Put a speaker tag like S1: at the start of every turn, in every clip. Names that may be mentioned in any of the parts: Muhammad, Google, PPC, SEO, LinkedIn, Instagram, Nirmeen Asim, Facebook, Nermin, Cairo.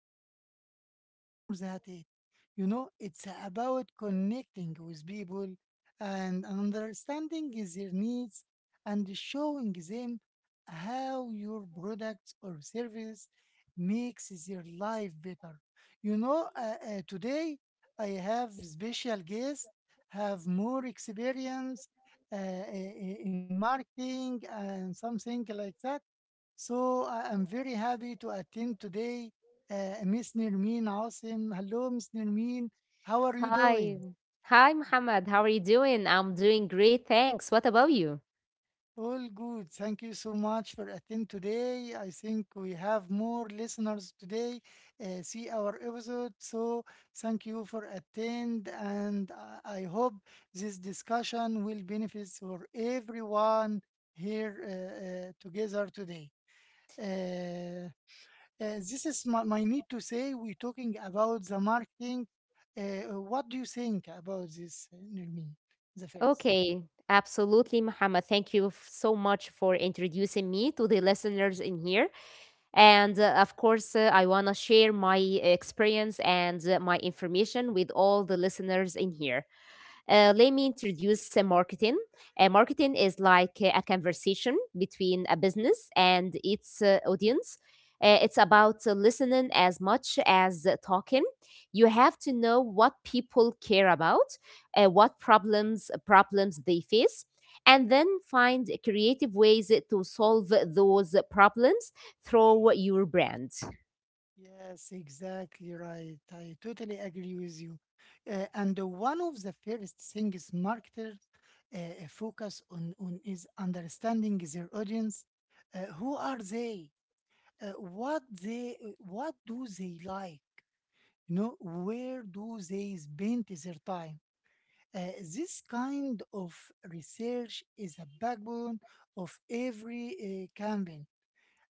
S1: it's much more that you know, it's about connecting with people and understanding their needs and showing them how your product or service makes their life better. Today I have special guests have more experience uh, i- in marketing and something like that, so I am very happy to attend today. Miss Nirmeen Asim. Hello, Miss Nirmeen. How are you
S2: Hi.
S1: doing?
S2: Hi, Muhammad. How are you doing? I'm doing great, thanks. What about you?
S1: All good. Thank you so much for attending today. I think we have more listeners today. See our episode. So thank you for attend, and I hope this discussion will benefit for everyone here together today. Uh, this is my need to say we're talking about the marketing. What do you think about this, Nermin? The first.
S2: Okay, absolutely, Muhammad. So much for introducing me to the listeners in here. And of course, I want to share my experience and my information with all the listeners in here. Let me introduce marketing. Marketing is like a conversation between a business and its audience. It's about listening as much as talking. You have to know what people care about, what problems problems they face, and then find creative ways to solve those problems through your brand.
S1: Yes, exactly right. I totally agree with you. And one of the first things marketers uh, focus on is understanding their audience. Who are they? What they? What do they like? You know, where do they spend their time? This kind of research is a backbone of every campaign.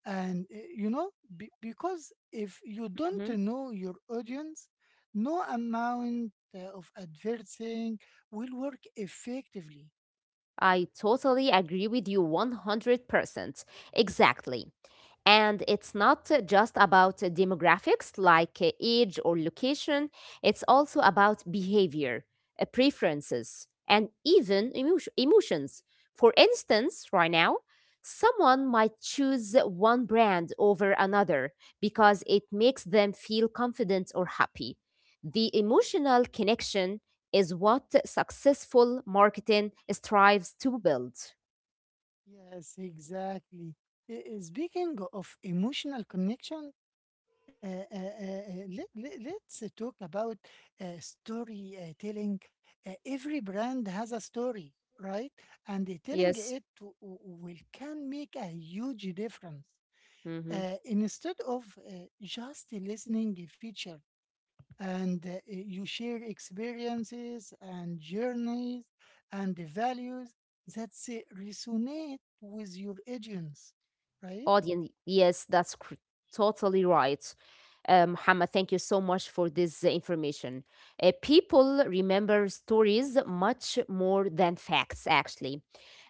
S1: And you know, because if you don't
S2: Mhm.
S1: know your audience, no amount of advertising will work effectively.
S2: I totally agree with you 100%. Exactly. And it's not just about demographics like age or location, it's also about behavior, preferences, and even emotions. For instance, right now, someone might choose one brand over another because it makes them feel confident or happy. The emotional connection is what successful marketing strives to build.
S1: Yes, exactly. Speaking of emotional connection, let, let, let's talk about storytelling. Every brand has a story, right? And the telling
S2: Yes.
S1: it will can make a huge difference.
S2: Mhm.
S1: Instead of just listening a feature, and you share experiences and journeys and the values that resonate with your audience, right?
S2: audience. Yes, totally right. Muhammad, thank you so much for this information. People remember stories much more than facts, actually.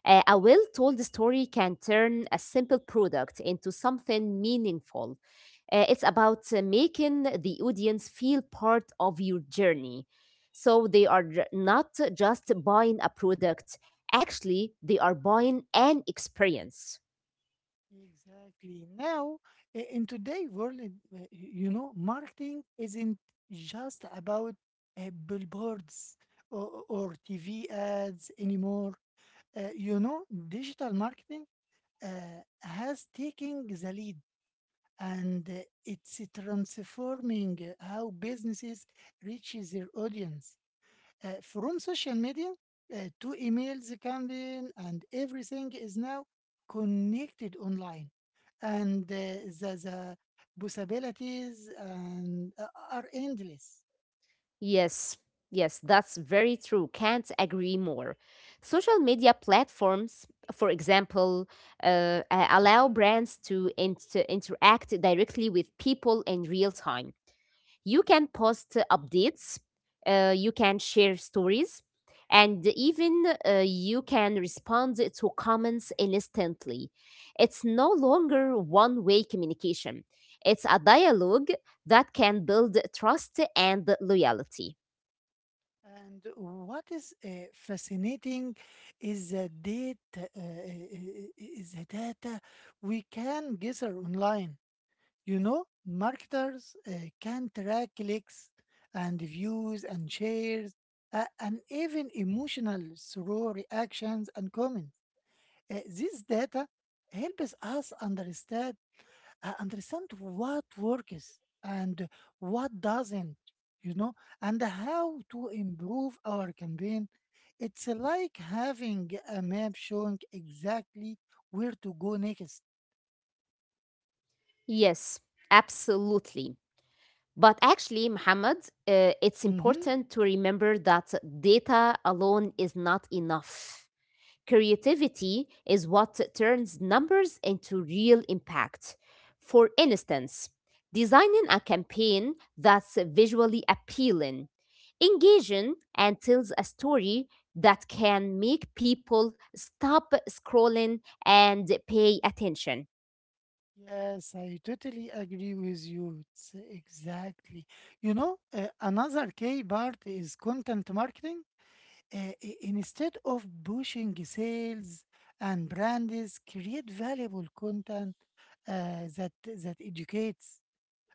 S2: A well told story can turn a simple product into something meaningful. It's about making the audience feel part of your journey. So not just buying a product, actually, they are buying an experience.
S1: Exactly. Now, in today's world, you know, marketing isn't just about billboards or TV ads anymore. You know, digital marketing has taken the lead, and it's transforming how businesses reach their audience. From social media to emails, campaign, and everything is now connected online. And the possibilities, are endless.
S2: Yes, yes, that's very true. Can't agree more. Social media platforms, for example, allow brands to interact directly with people in real time. You can post updates, you can share stories, and even you can respond to comments instantly. It's no longer one way communication, it's a dialogue that can build trust and loyalty.
S1: And what is fascinating is the data, is the data we can gather online. You know, marketers can track clicks and views and shares, and even emotional through reactions and comments. This data helps us understand what works and what doesn't, you know, and how to improve our campaign. It's like having a map showing exactly where to go next.
S2: Yes, absolutely. But actually, Muhammad, it's
S1: Mm-hmm.
S2: important to remember that data alone is not enough. Creativity is what turns numbers into real impact. For instance, designing a campaign that's visually appealing, engaging, and tells a story that can make people stop scrolling and pay attention.
S1: Yes, I totally agree with you. It's exactly. You know, another key part is content marketing. Instead of pushing sales and brands, create valuable content uh, that that educates,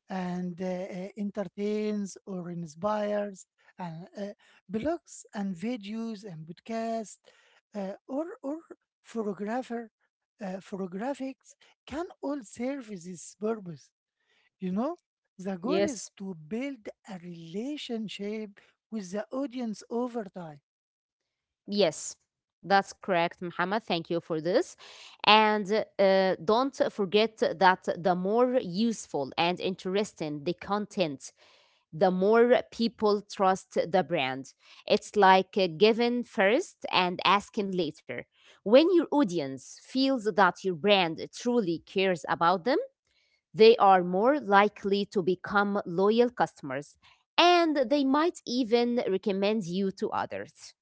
S1: and entertains or inspires, and blogs and videos and podcasts, or photographer, photographics can all serve this purpose. You know, the goal is
S2: Yes,
S1: to build a relationship with the audience over time.
S2: yes. That's correct, Muhammad. Thank you for this. And don't forget that the more useful and interesting the content, the more people trust the brand. It's like giving first and asking later. When your audience feels that your brand truly cares about them, they are more likely to become loyal customers and they might even recommend you to others.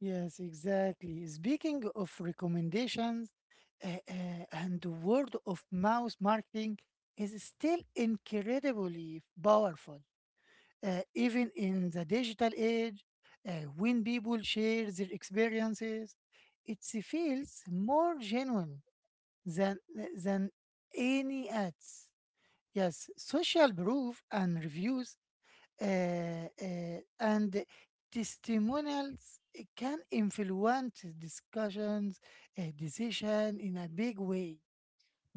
S1: Yes, exactly. Speaking of recommendations, and the word of mouth marketing is still incredibly powerful, even in the digital age. Uh, when people share their experiences, it feels more genuine than than any ads. Yes, social proof and reviews, and testimonials can influence discussions, decision in a big way.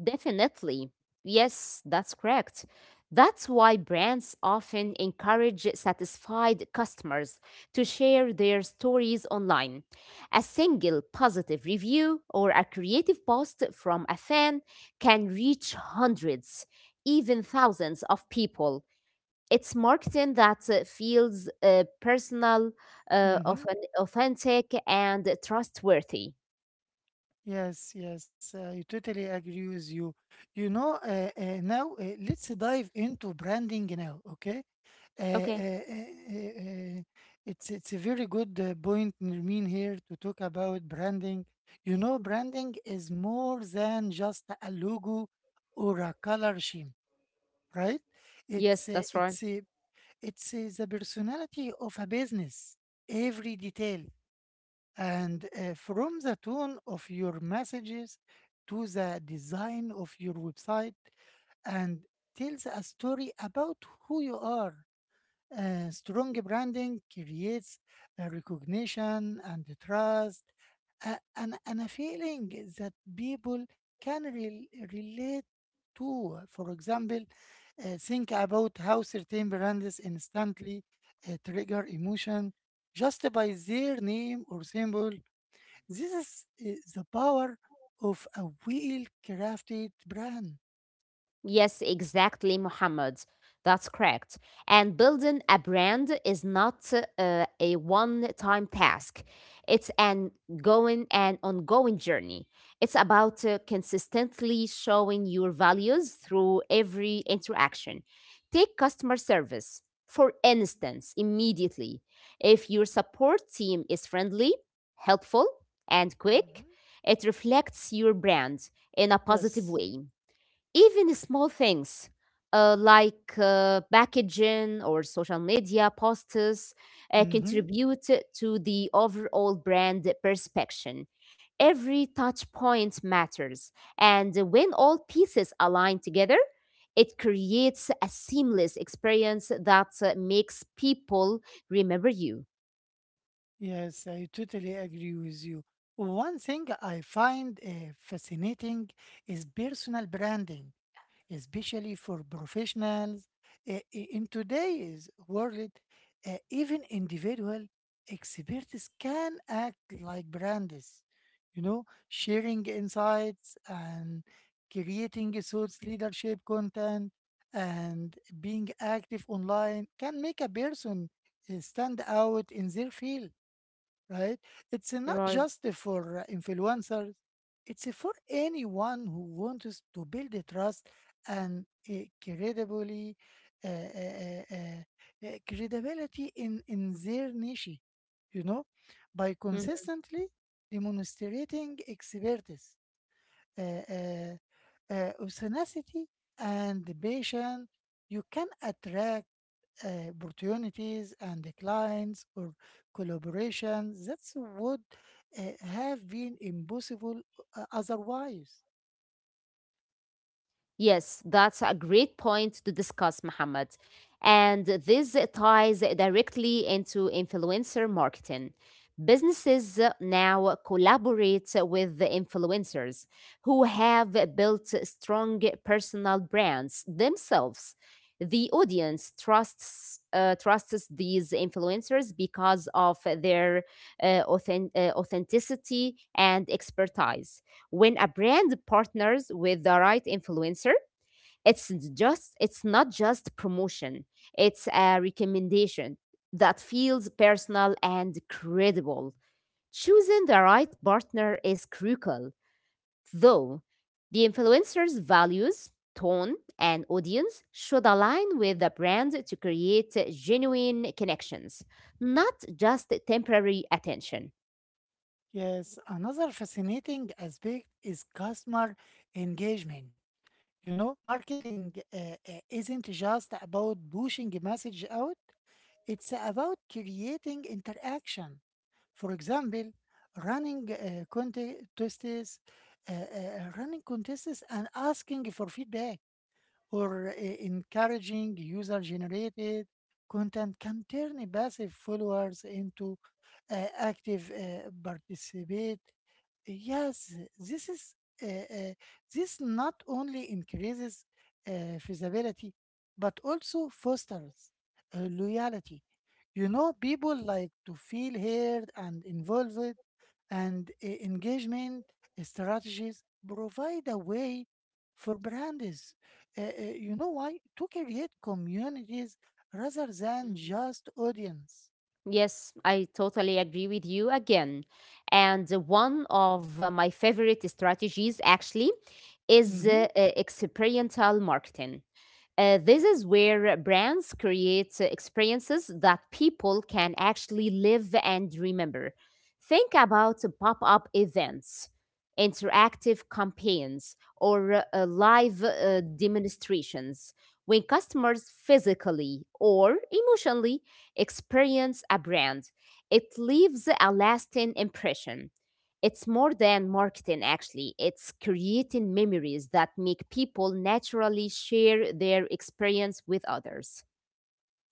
S2: Definitely. Yes, that's correct. That's why brands often encourage satisfied customers to share their stories online. A single positive review or a creative post from a fan can reach hundreds, even thousands of people. It's marketing that feels personal,
S1: Hmm.
S2: authentic, and trustworthy.
S1: Yes, yes, I totally agree with you. You know, now let's dive into branding now, okay? Uh,
S2: Okay.
S1: uh, uh, uh, uh, it's a very good point, Nermeen, here to talk about branding. You know, branding is more than just a logo or a color scheme, right? It's
S2: Yes,
S1: uh,
S2: that's right.
S1: it's uh, it's the personality of a business, every detail, and from the tone of your messages to the design of your website, and tells a story about who you are. Strong branding creates a recognition and the trust, and a feeling that people can relate to. For example, think about how certain brands instantly trigger emotion just by their name or symbol. This is the power of a well crafted brand.
S2: Yes, exactly, Muhammad. That's correct. And building a brand is not a one time task, it's an going and ongoing journey. It's about consistently showing your values through every interaction. Take customer service, for instance, immediately. If your support team is friendly, helpful, and quick,
S1: Hmm.
S2: it reflects your brand in a positive
S1: Yes.
S2: way. Even small things like packaging or social media posts
S1: Mm-hmm.
S2: contribute to the overall brand perception. Every touch point matters, and when all pieces align together, it creates a seamless experience that makes people remember you.
S1: Yes, I totally agree with you. One thing I find fascinating is personal branding, especially for professionals. In today's world, even individual experts can act like brands, you know, sharing insights and creating thoughts leadership content, and being active online can make a person stand out in their field, right? It's not just for influencers, it's for anyone who wants to build a trust and a credibility, credibility in their niche, you know, by
S2: Mm-hmm.
S1: consistently demonstrating expertise, uh, uh, tenacity, and patience. You can attract opportunities and the clients or collaborations that would uh, have been impossible otherwise.
S2: Yes, that's a great point to discuss, Mohammed. And this ties directly into influencer marketing. Businesses now collaborate with the influencers who have built strong personal brands themselves. The audience trusts these influencers because of their authenticity and expertise. When a brand partners with the right influencer, it's it's not just promotion, it's a recommendation that feels personal and credible. Choosing the right partner is crucial though. The influencer's values, tone, and audience should align with the brand to create genuine connections, not just temporary attention.
S1: Yes, another fascinating aspect is customer engagement. You know, marketing isn't just about pushing a message out, it's about creating interaction. For example, running uh, contests, running contests and asking for feedback, or encouraging user generated content can turn passive followers into active participate. Yes, this is uh, this not only increases feasibility, but also fosters loyalty. You know, people like to feel heard and involved, and engagement strategies provide a way for brands, you know why, to create communities rather than just audience.
S2: Yes, I totally agree with you again. And one of my favorite strategies actually is
S1: Mm-hmm.
S2: experiential marketing. This is where brands create experiences that people can actually live and remember. Think about pop up events, interactive campaigns, or live demonstrations. When customers physically or emotionally experience a brand, it leaves a lasting impression. It's more than marketing, actually. It's creating memories that make people naturally share their experience with others.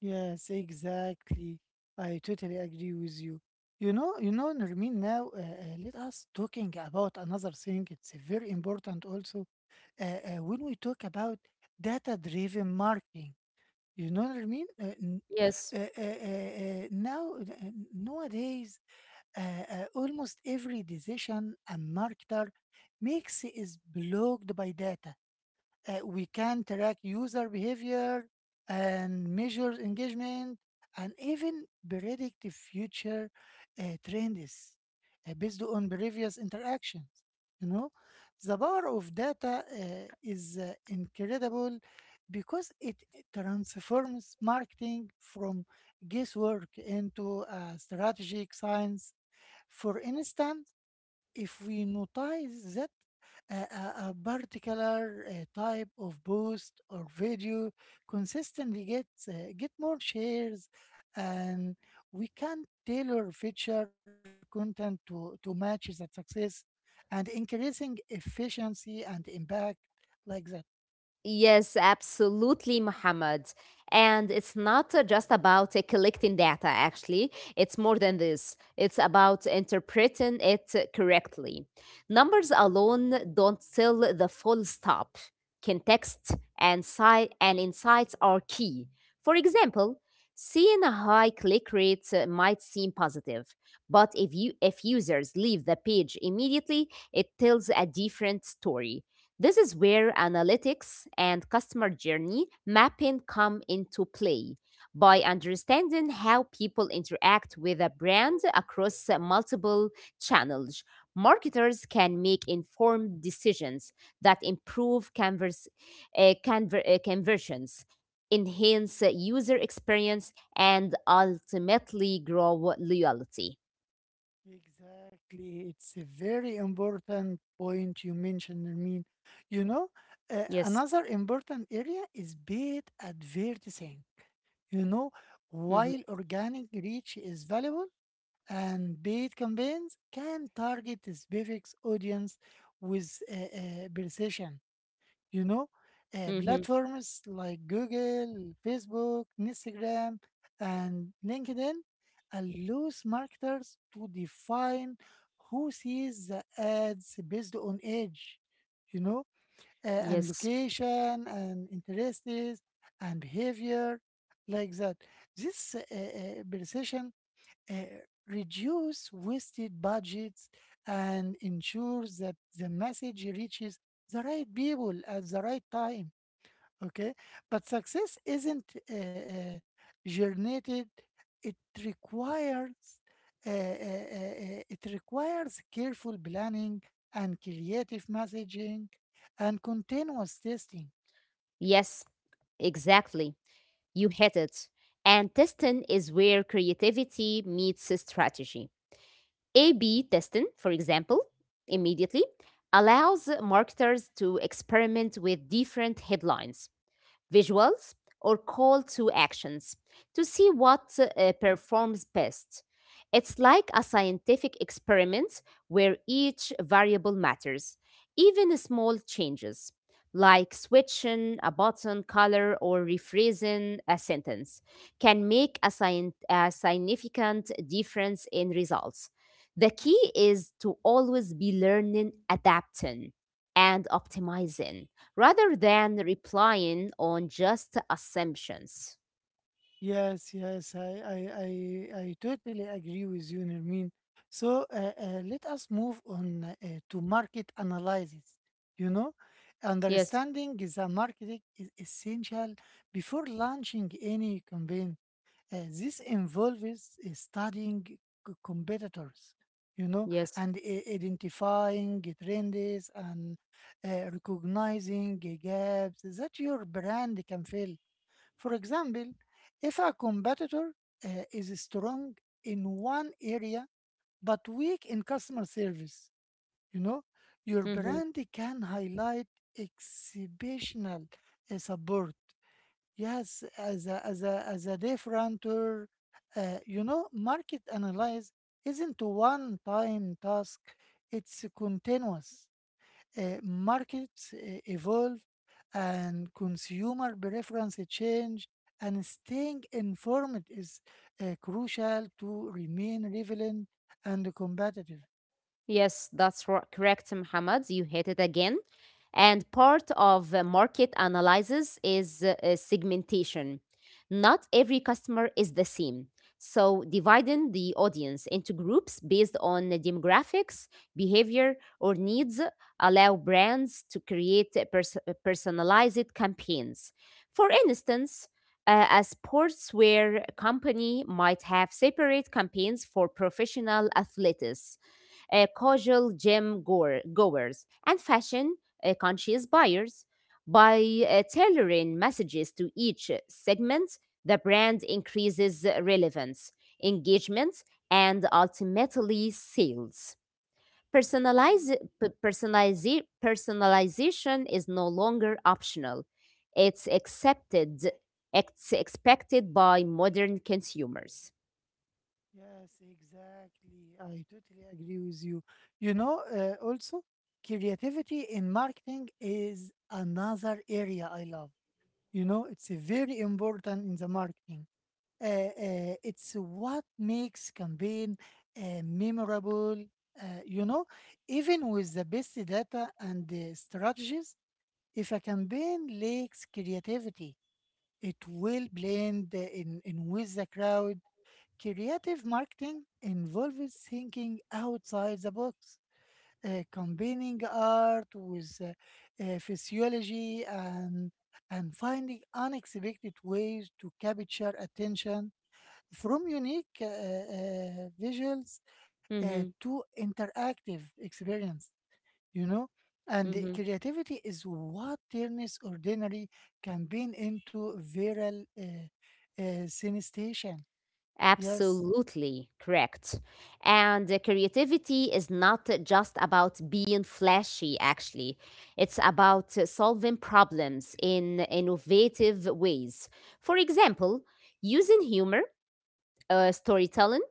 S1: Yes, exactly. I totally agree with you. Nermin. Now, let us talking about another thing. It's very important also when we talk about data-driven marketing. You know what I mean? N-
S2: Yes.
S1: now, Nowadays, uh, almost every decision a marketer makes is blocked by data. We can track user behavior and measure engagement and even predict the future uh, trends based on previous interactions. You know, the power of data is incredible because it transforms marketing from guesswork into a strategic science. For instance, if we notice that a, a particular type of post or video consistently gets get more shares, and we can tailor feature content to match that success, and increasing efficiency and impact like that.
S2: Yes, absolutely, Muhammad. And it's not just about collecting data, actually. It's more than this. It's about interpreting it correctly. Numbers alone don't tell the full stop. Context and insights are key. For example, seeing a high click rate might seem positive, but if users leave the page immediately, it tells a different story. This is where analytics and customer journey mapping come into play. By understanding how people interact with a brand across multiple channels, marketers can make informed decisions that improve conversions, enhance user experience, and ultimately grow loyalty.
S1: Exactly, it's a very important point you mentioned. I mean, you know,
S2: Yes.
S1: another important area is paid advertising. You know,
S2: Hmm.
S1: while organic reach is valuable, and paid campaigns can target a specific audience with precision. You know,
S2: Hmm.
S1: platforms like Google, Facebook, Instagram, and LinkedIn allows marketers to define who sees the ads based on age, you know, and
S2: Yes.
S1: location and interests and behavior like that. This precision uh, reduce wasted budgets and ensures that the message reaches the right people at the right time. Okay, but success isn't generated. It requires careful planning and creative messaging and continuous testing.
S2: Yes. Exactly. You hit it. And testing is where creativity meets strategy. A B testing, for example, immediately allows marketers to experiment with different headlines, visuals, or call to actions to see what performs best. It's like a scientific experiment where each variable matters, even small changes. Like switching a button color or rephrasing a sentence can make a significant difference in results. The key is to always be learning, adapting, and optimizing rather than replying on just assumptions.
S1: Yes, yes, I totally agree with you, Nermin. So let us move on to market analysis. You know,
S2: Yes,
S1: understanding the market is essential before launching any campaign. This involves studying competitors, you know,
S2: yes.
S1: and identifying trends and recognizing the gaps that your brand can fill. For example, if a competitor is strong in one area but weak in customer service, you know, your brand can highlight exceptional support. Yes, as a, as a differenter, you know, market analyze isn't a one-time task. It's a continuous. Markets evolve and consumer preference change, and staying informed is crucial to remain relevant and competitive.
S2: Yes, that's correct, Muhammad. You hit it again. And part of market analysis is segmentation. Not every customer is the same. So, dividing the audience into groups based on the demographics, behavior, or needs allow brands to create personalized campaigns. For instance, a sportswear company might have separate campaigns for professional athletes, casual goers, and fashion conscious buyers. By tailoring messages to each segment, the brand increases relevance, engagement, and ultimately sales. Personalization is no longer optional. It's accepted, it's expected by modern consumers.
S1: Yes, exactly. I totally agree with you. You know, also, creativity in marketing is another area I love. You know, it's a very important in the marketing. It's what makes campaign memorable. You know, even with the best data and the strategies, if a campaign lacks creativity, it will blend in with the crowd. Creative marketing involves thinking outside the box, combining art with physiology, and finding unexpected ways to capture attention, from unique visuals
S2: Hmm.
S1: to interactive experience, you know. And creativity is what turns ordinary campaign into viral sensation. Yes.
S2: Absolutely correct. And creativity is not just about being flashy, actually. It's about solving problems in innovative ways. For example, using humor, storytelling,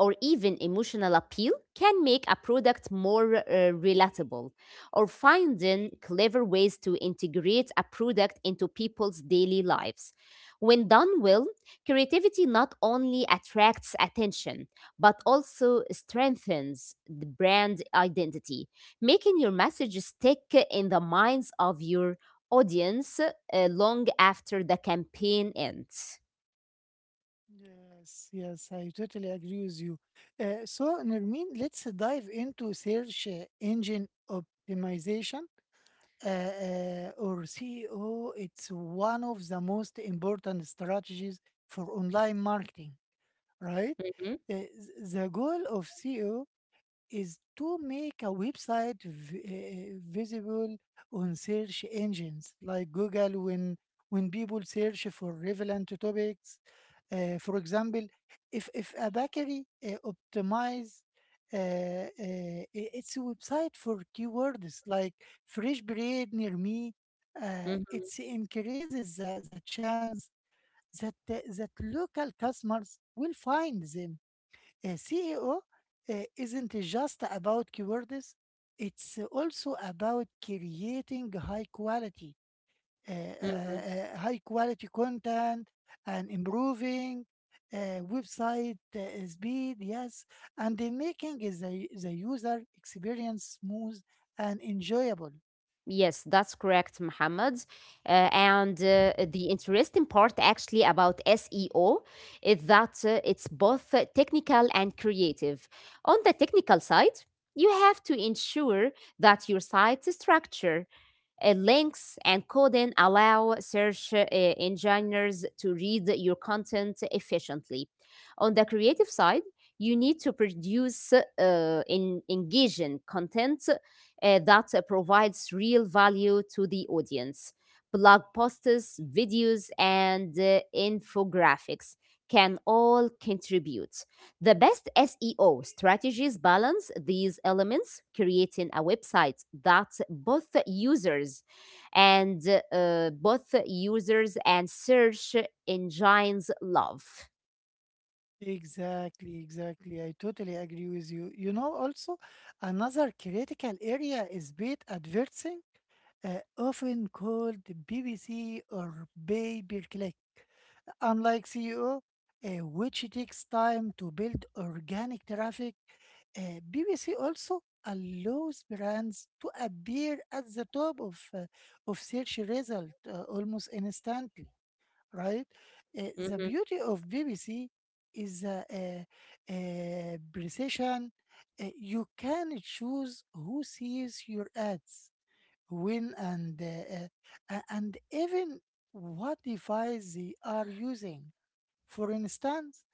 S2: or even emotional appeal can make a product more relatable, or finding clever ways to integrate a product into people's daily lives. When done well, creativity not only attracts attention but also strengthens the brand identity, making your message stick in the minds of your audience long after the campaign ends.
S1: Yes, yes, I totally agree with you. So, Nermin, let's dive into search engine optimization, or SEO. It's one of the most important strategies for online marketing, right? Uh, th- the goal of SEO is to make a website visible on search engines like Google when people search for relevant topics. For example, if a bakery optimize its website for keywords like fresh bread near me,
S2: Mm-hmm.
S1: it increases the chance that that local customers will find them. A CEO isn't just about keywords, it's also about creating
S2: Mm-hmm.
S1: high quality content and improving uh, website speed, yes, and then making the user experience smooth and enjoyable.
S2: Yes, that's correct, Muhammad. And the interesting part actually about SEO is that it's both technical and creative. On the technical side, you have to ensure that your site structure, links, and coding allow search engineers to read your content efficiently. On the creative side, you need to produce engaging content that provides real value to the audience. Blog posts, videos, and infographics can all contribute. The best SEO strategies balance these elements, creating a website that and both users and search engines love.
S1: Exactly, exactly. I totally agree with you. Also, another critical area is paid advertising, often called BBC or pay per click. Unlike SEO, uh, which takes time to build organic traffic, BBC also allows brands to appear at the top of search result almost instantly, right? The
S2: Mhm,
S1: beauty of BBC is the precision. You can choose who sees your ads, when, and even what device they are using. For instance,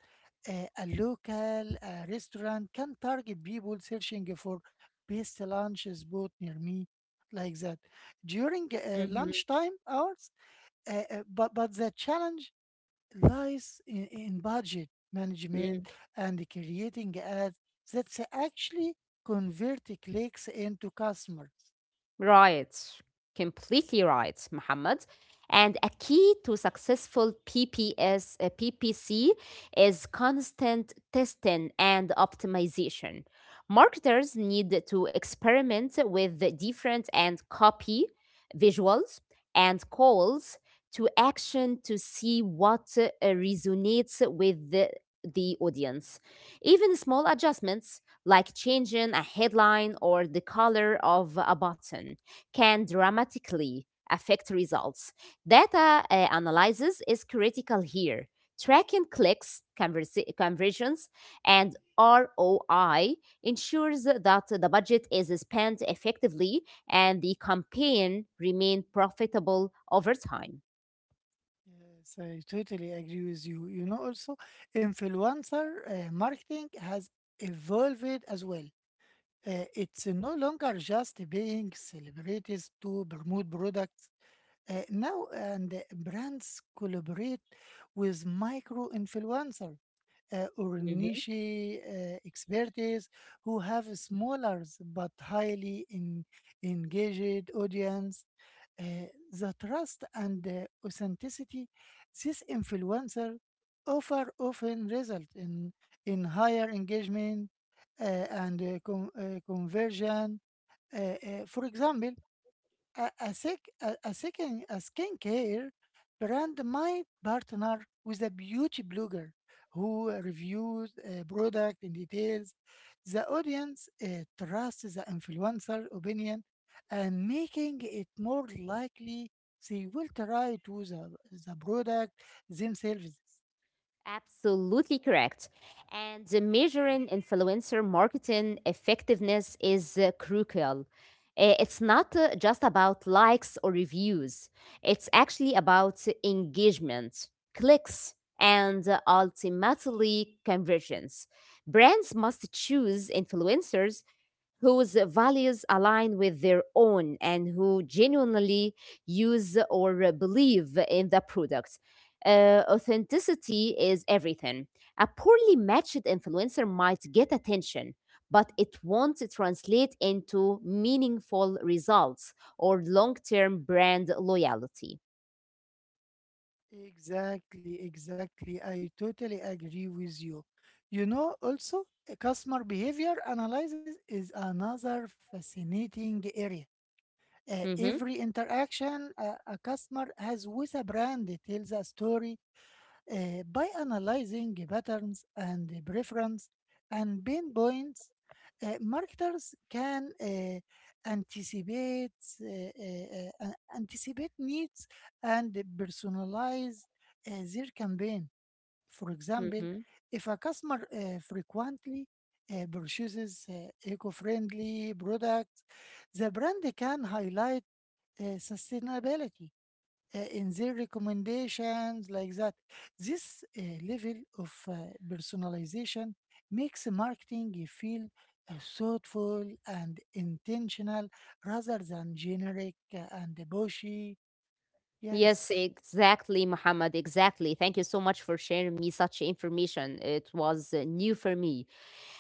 S1: a local restaurant can target people searching for best lunch spot near me, like that, during lunchtime hours. But the challenge lies in budget management
S2: mhm,
S1: and creating ads that actually convert clicks into customers.
S2: Right. Completely right, Muhammad. And a key to successful PPC is constant testing and optimization. Marketers need to experiment with the different and copy, visuals, and calls to action to see what resonates with the audience. Even small adjustments like changing a headline or the color of a button can dramatically affect results. Data analysis is critical here. Tracking clicks, conversions, and ROI ensures that the budget is spent effectively and the campaign remains profitable over time.
S1: Yes, I totally agree with you. Also, influencer marketing has evolved as well. It's no longer just being celebrities to promote products. Now, and brands collaborate with micro influencer or niche expertise who have a smaller but highly engaged audience. Uh, the trust and the authenticity this influencer offer often result in higher engagement and conversion. For example, a, sec, a second a skincare brand might partner with a beauty blogger who reviews a product in details. The audience trusts the influencer opinion and making it more likely they will try to the product themselves.
S2: Absolutely correct. And measuring influencer marketing effectiveness is crucial. It's not just about likes or reviews, it's actually about engagement, clicks, and ultimately conversions. Brands must choose influencers whose values align with their own and who genuinely use or believe in the product. Authenticity is everything. A poorly matched influencer might get attention, but it won't translate into meaningful results or long term brand loyalty.
S1: Exactly, exactly. I totally agree with you. Also, customer behavior analysis is another fascinating area.
S2: Hmm.
S1: Every interaction a customer has with a brand tells a story. By analyzing patterns and preference and pain points, marketers can anticipate anticipate needs and personalize their campaign. For example,
S2: Hmm.
S1: if a customer frequently purchases eco-friendly products, the brand can highlight sustainability in their recommendations, like that. This level of personalization makes marketing feel thoughtful and intentional rather than generic and bushy.
S2: Yes,
S1: Yes.
S2: exactly, Muhammad. Exactly. Thank you so much for sharing me such information. It was new for me.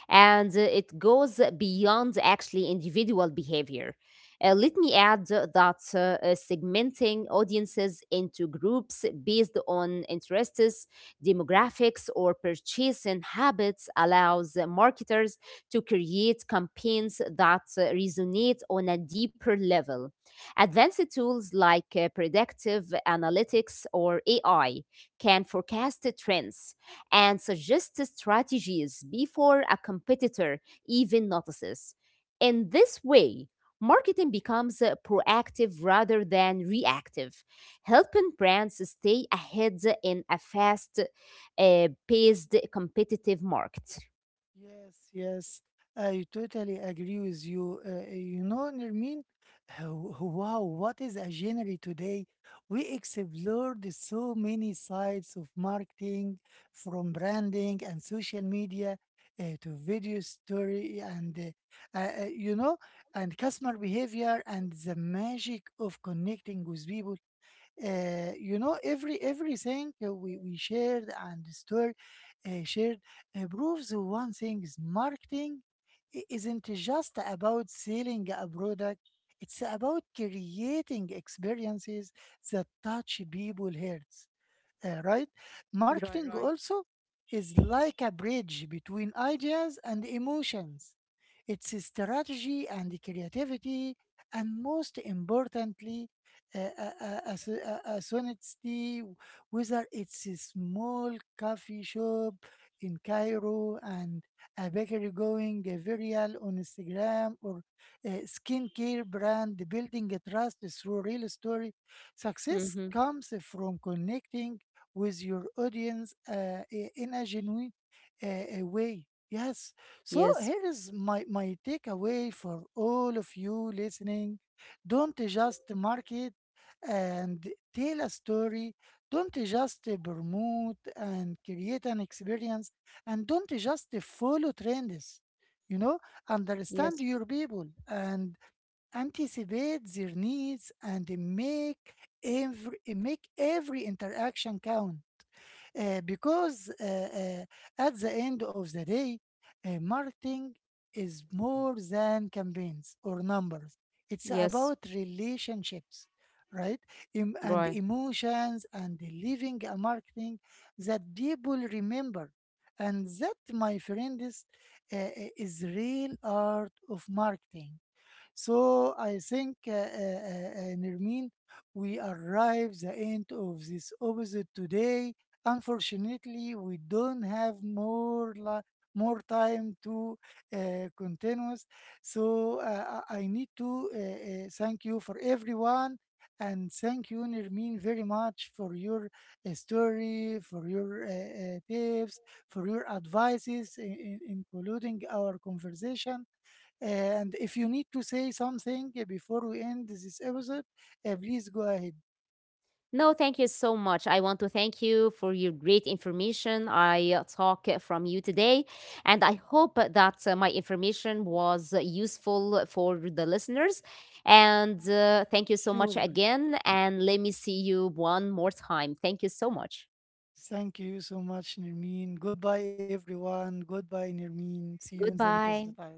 S2: And it goes beyond actually individual behavior. Let me add that segmenting audiences into groups based on interests, demographics, or purchasing habits allows marketers to create campaigns that resonate on a deeper level. Advanced tools like predictive analytics or AI can forecast the trends and suggest strategies before a competitor even notices. In this way, marketing becomes proactive rather than reactive, helping brands stay ahead in a fast paced competitive market.
S1: Yes, yes, I totally agree with you. Nermin, uh, wow, what is a genre today? We explored so many sides of marketing, from branding and social media to video story and, uh, uh, uh, you know, and customer behavior and the magic of connecting with people. You know, everything we shared, and story shared, proves one thing: is marketing isn't just about selling a product, it's about creating experiences that touch people hearts, right?
S2: Right,
S1: Marketing
S2: right.
S1: also is like a bridge between ideas and emotions. It's a strategy and creativity, and most importantly, as honesty. Whether it's a small coffee shop in Cairo and a bakery going viral on Instagram, or a skincare brand building a trust through real story, success
S2: Mhm.
S1: comes from connecting with your audience in a genuine way. Yes. So
S2: Yes,
S1: here is my takeaway for all of you listening. Don't just market and tell a story. Don't just promote and create an experience. And don't just follow trends. You know, understand
S2: yes,
S1: your people, and anticipate their needs, and make make every interaction count, because at the end of the day, marketing is more than campaigns or numbers. It's
S2: yes,
S1: about relationships, right? And
S2: right.
S1: emotions, and living a marketing that people remember. And that, my friend, uh, uh, is real art of marketing. So I think, Nermeen, we arrive the end of this episode today. Unfortunately, we don't have more time to continue. So I need to thank you for everyone. And thank you, Nermin, very much for your story, for your tips, for your advices, including our conversation. And if you need to say something before we end this episode, please go ahead.
S2: No, thank you so much. I want to thank you for your great information I talk from you today. And I hope that my information was useful for the listeners. And thank you so much
S1: Sure.
S2: again. And let me see you one more time. Thank you so much.
S1: Thank you so much, Nirmeen. Goodbye, everyone. Goodbye, Nirmeen. See you in the next
S2: Goodbye.
S1: time.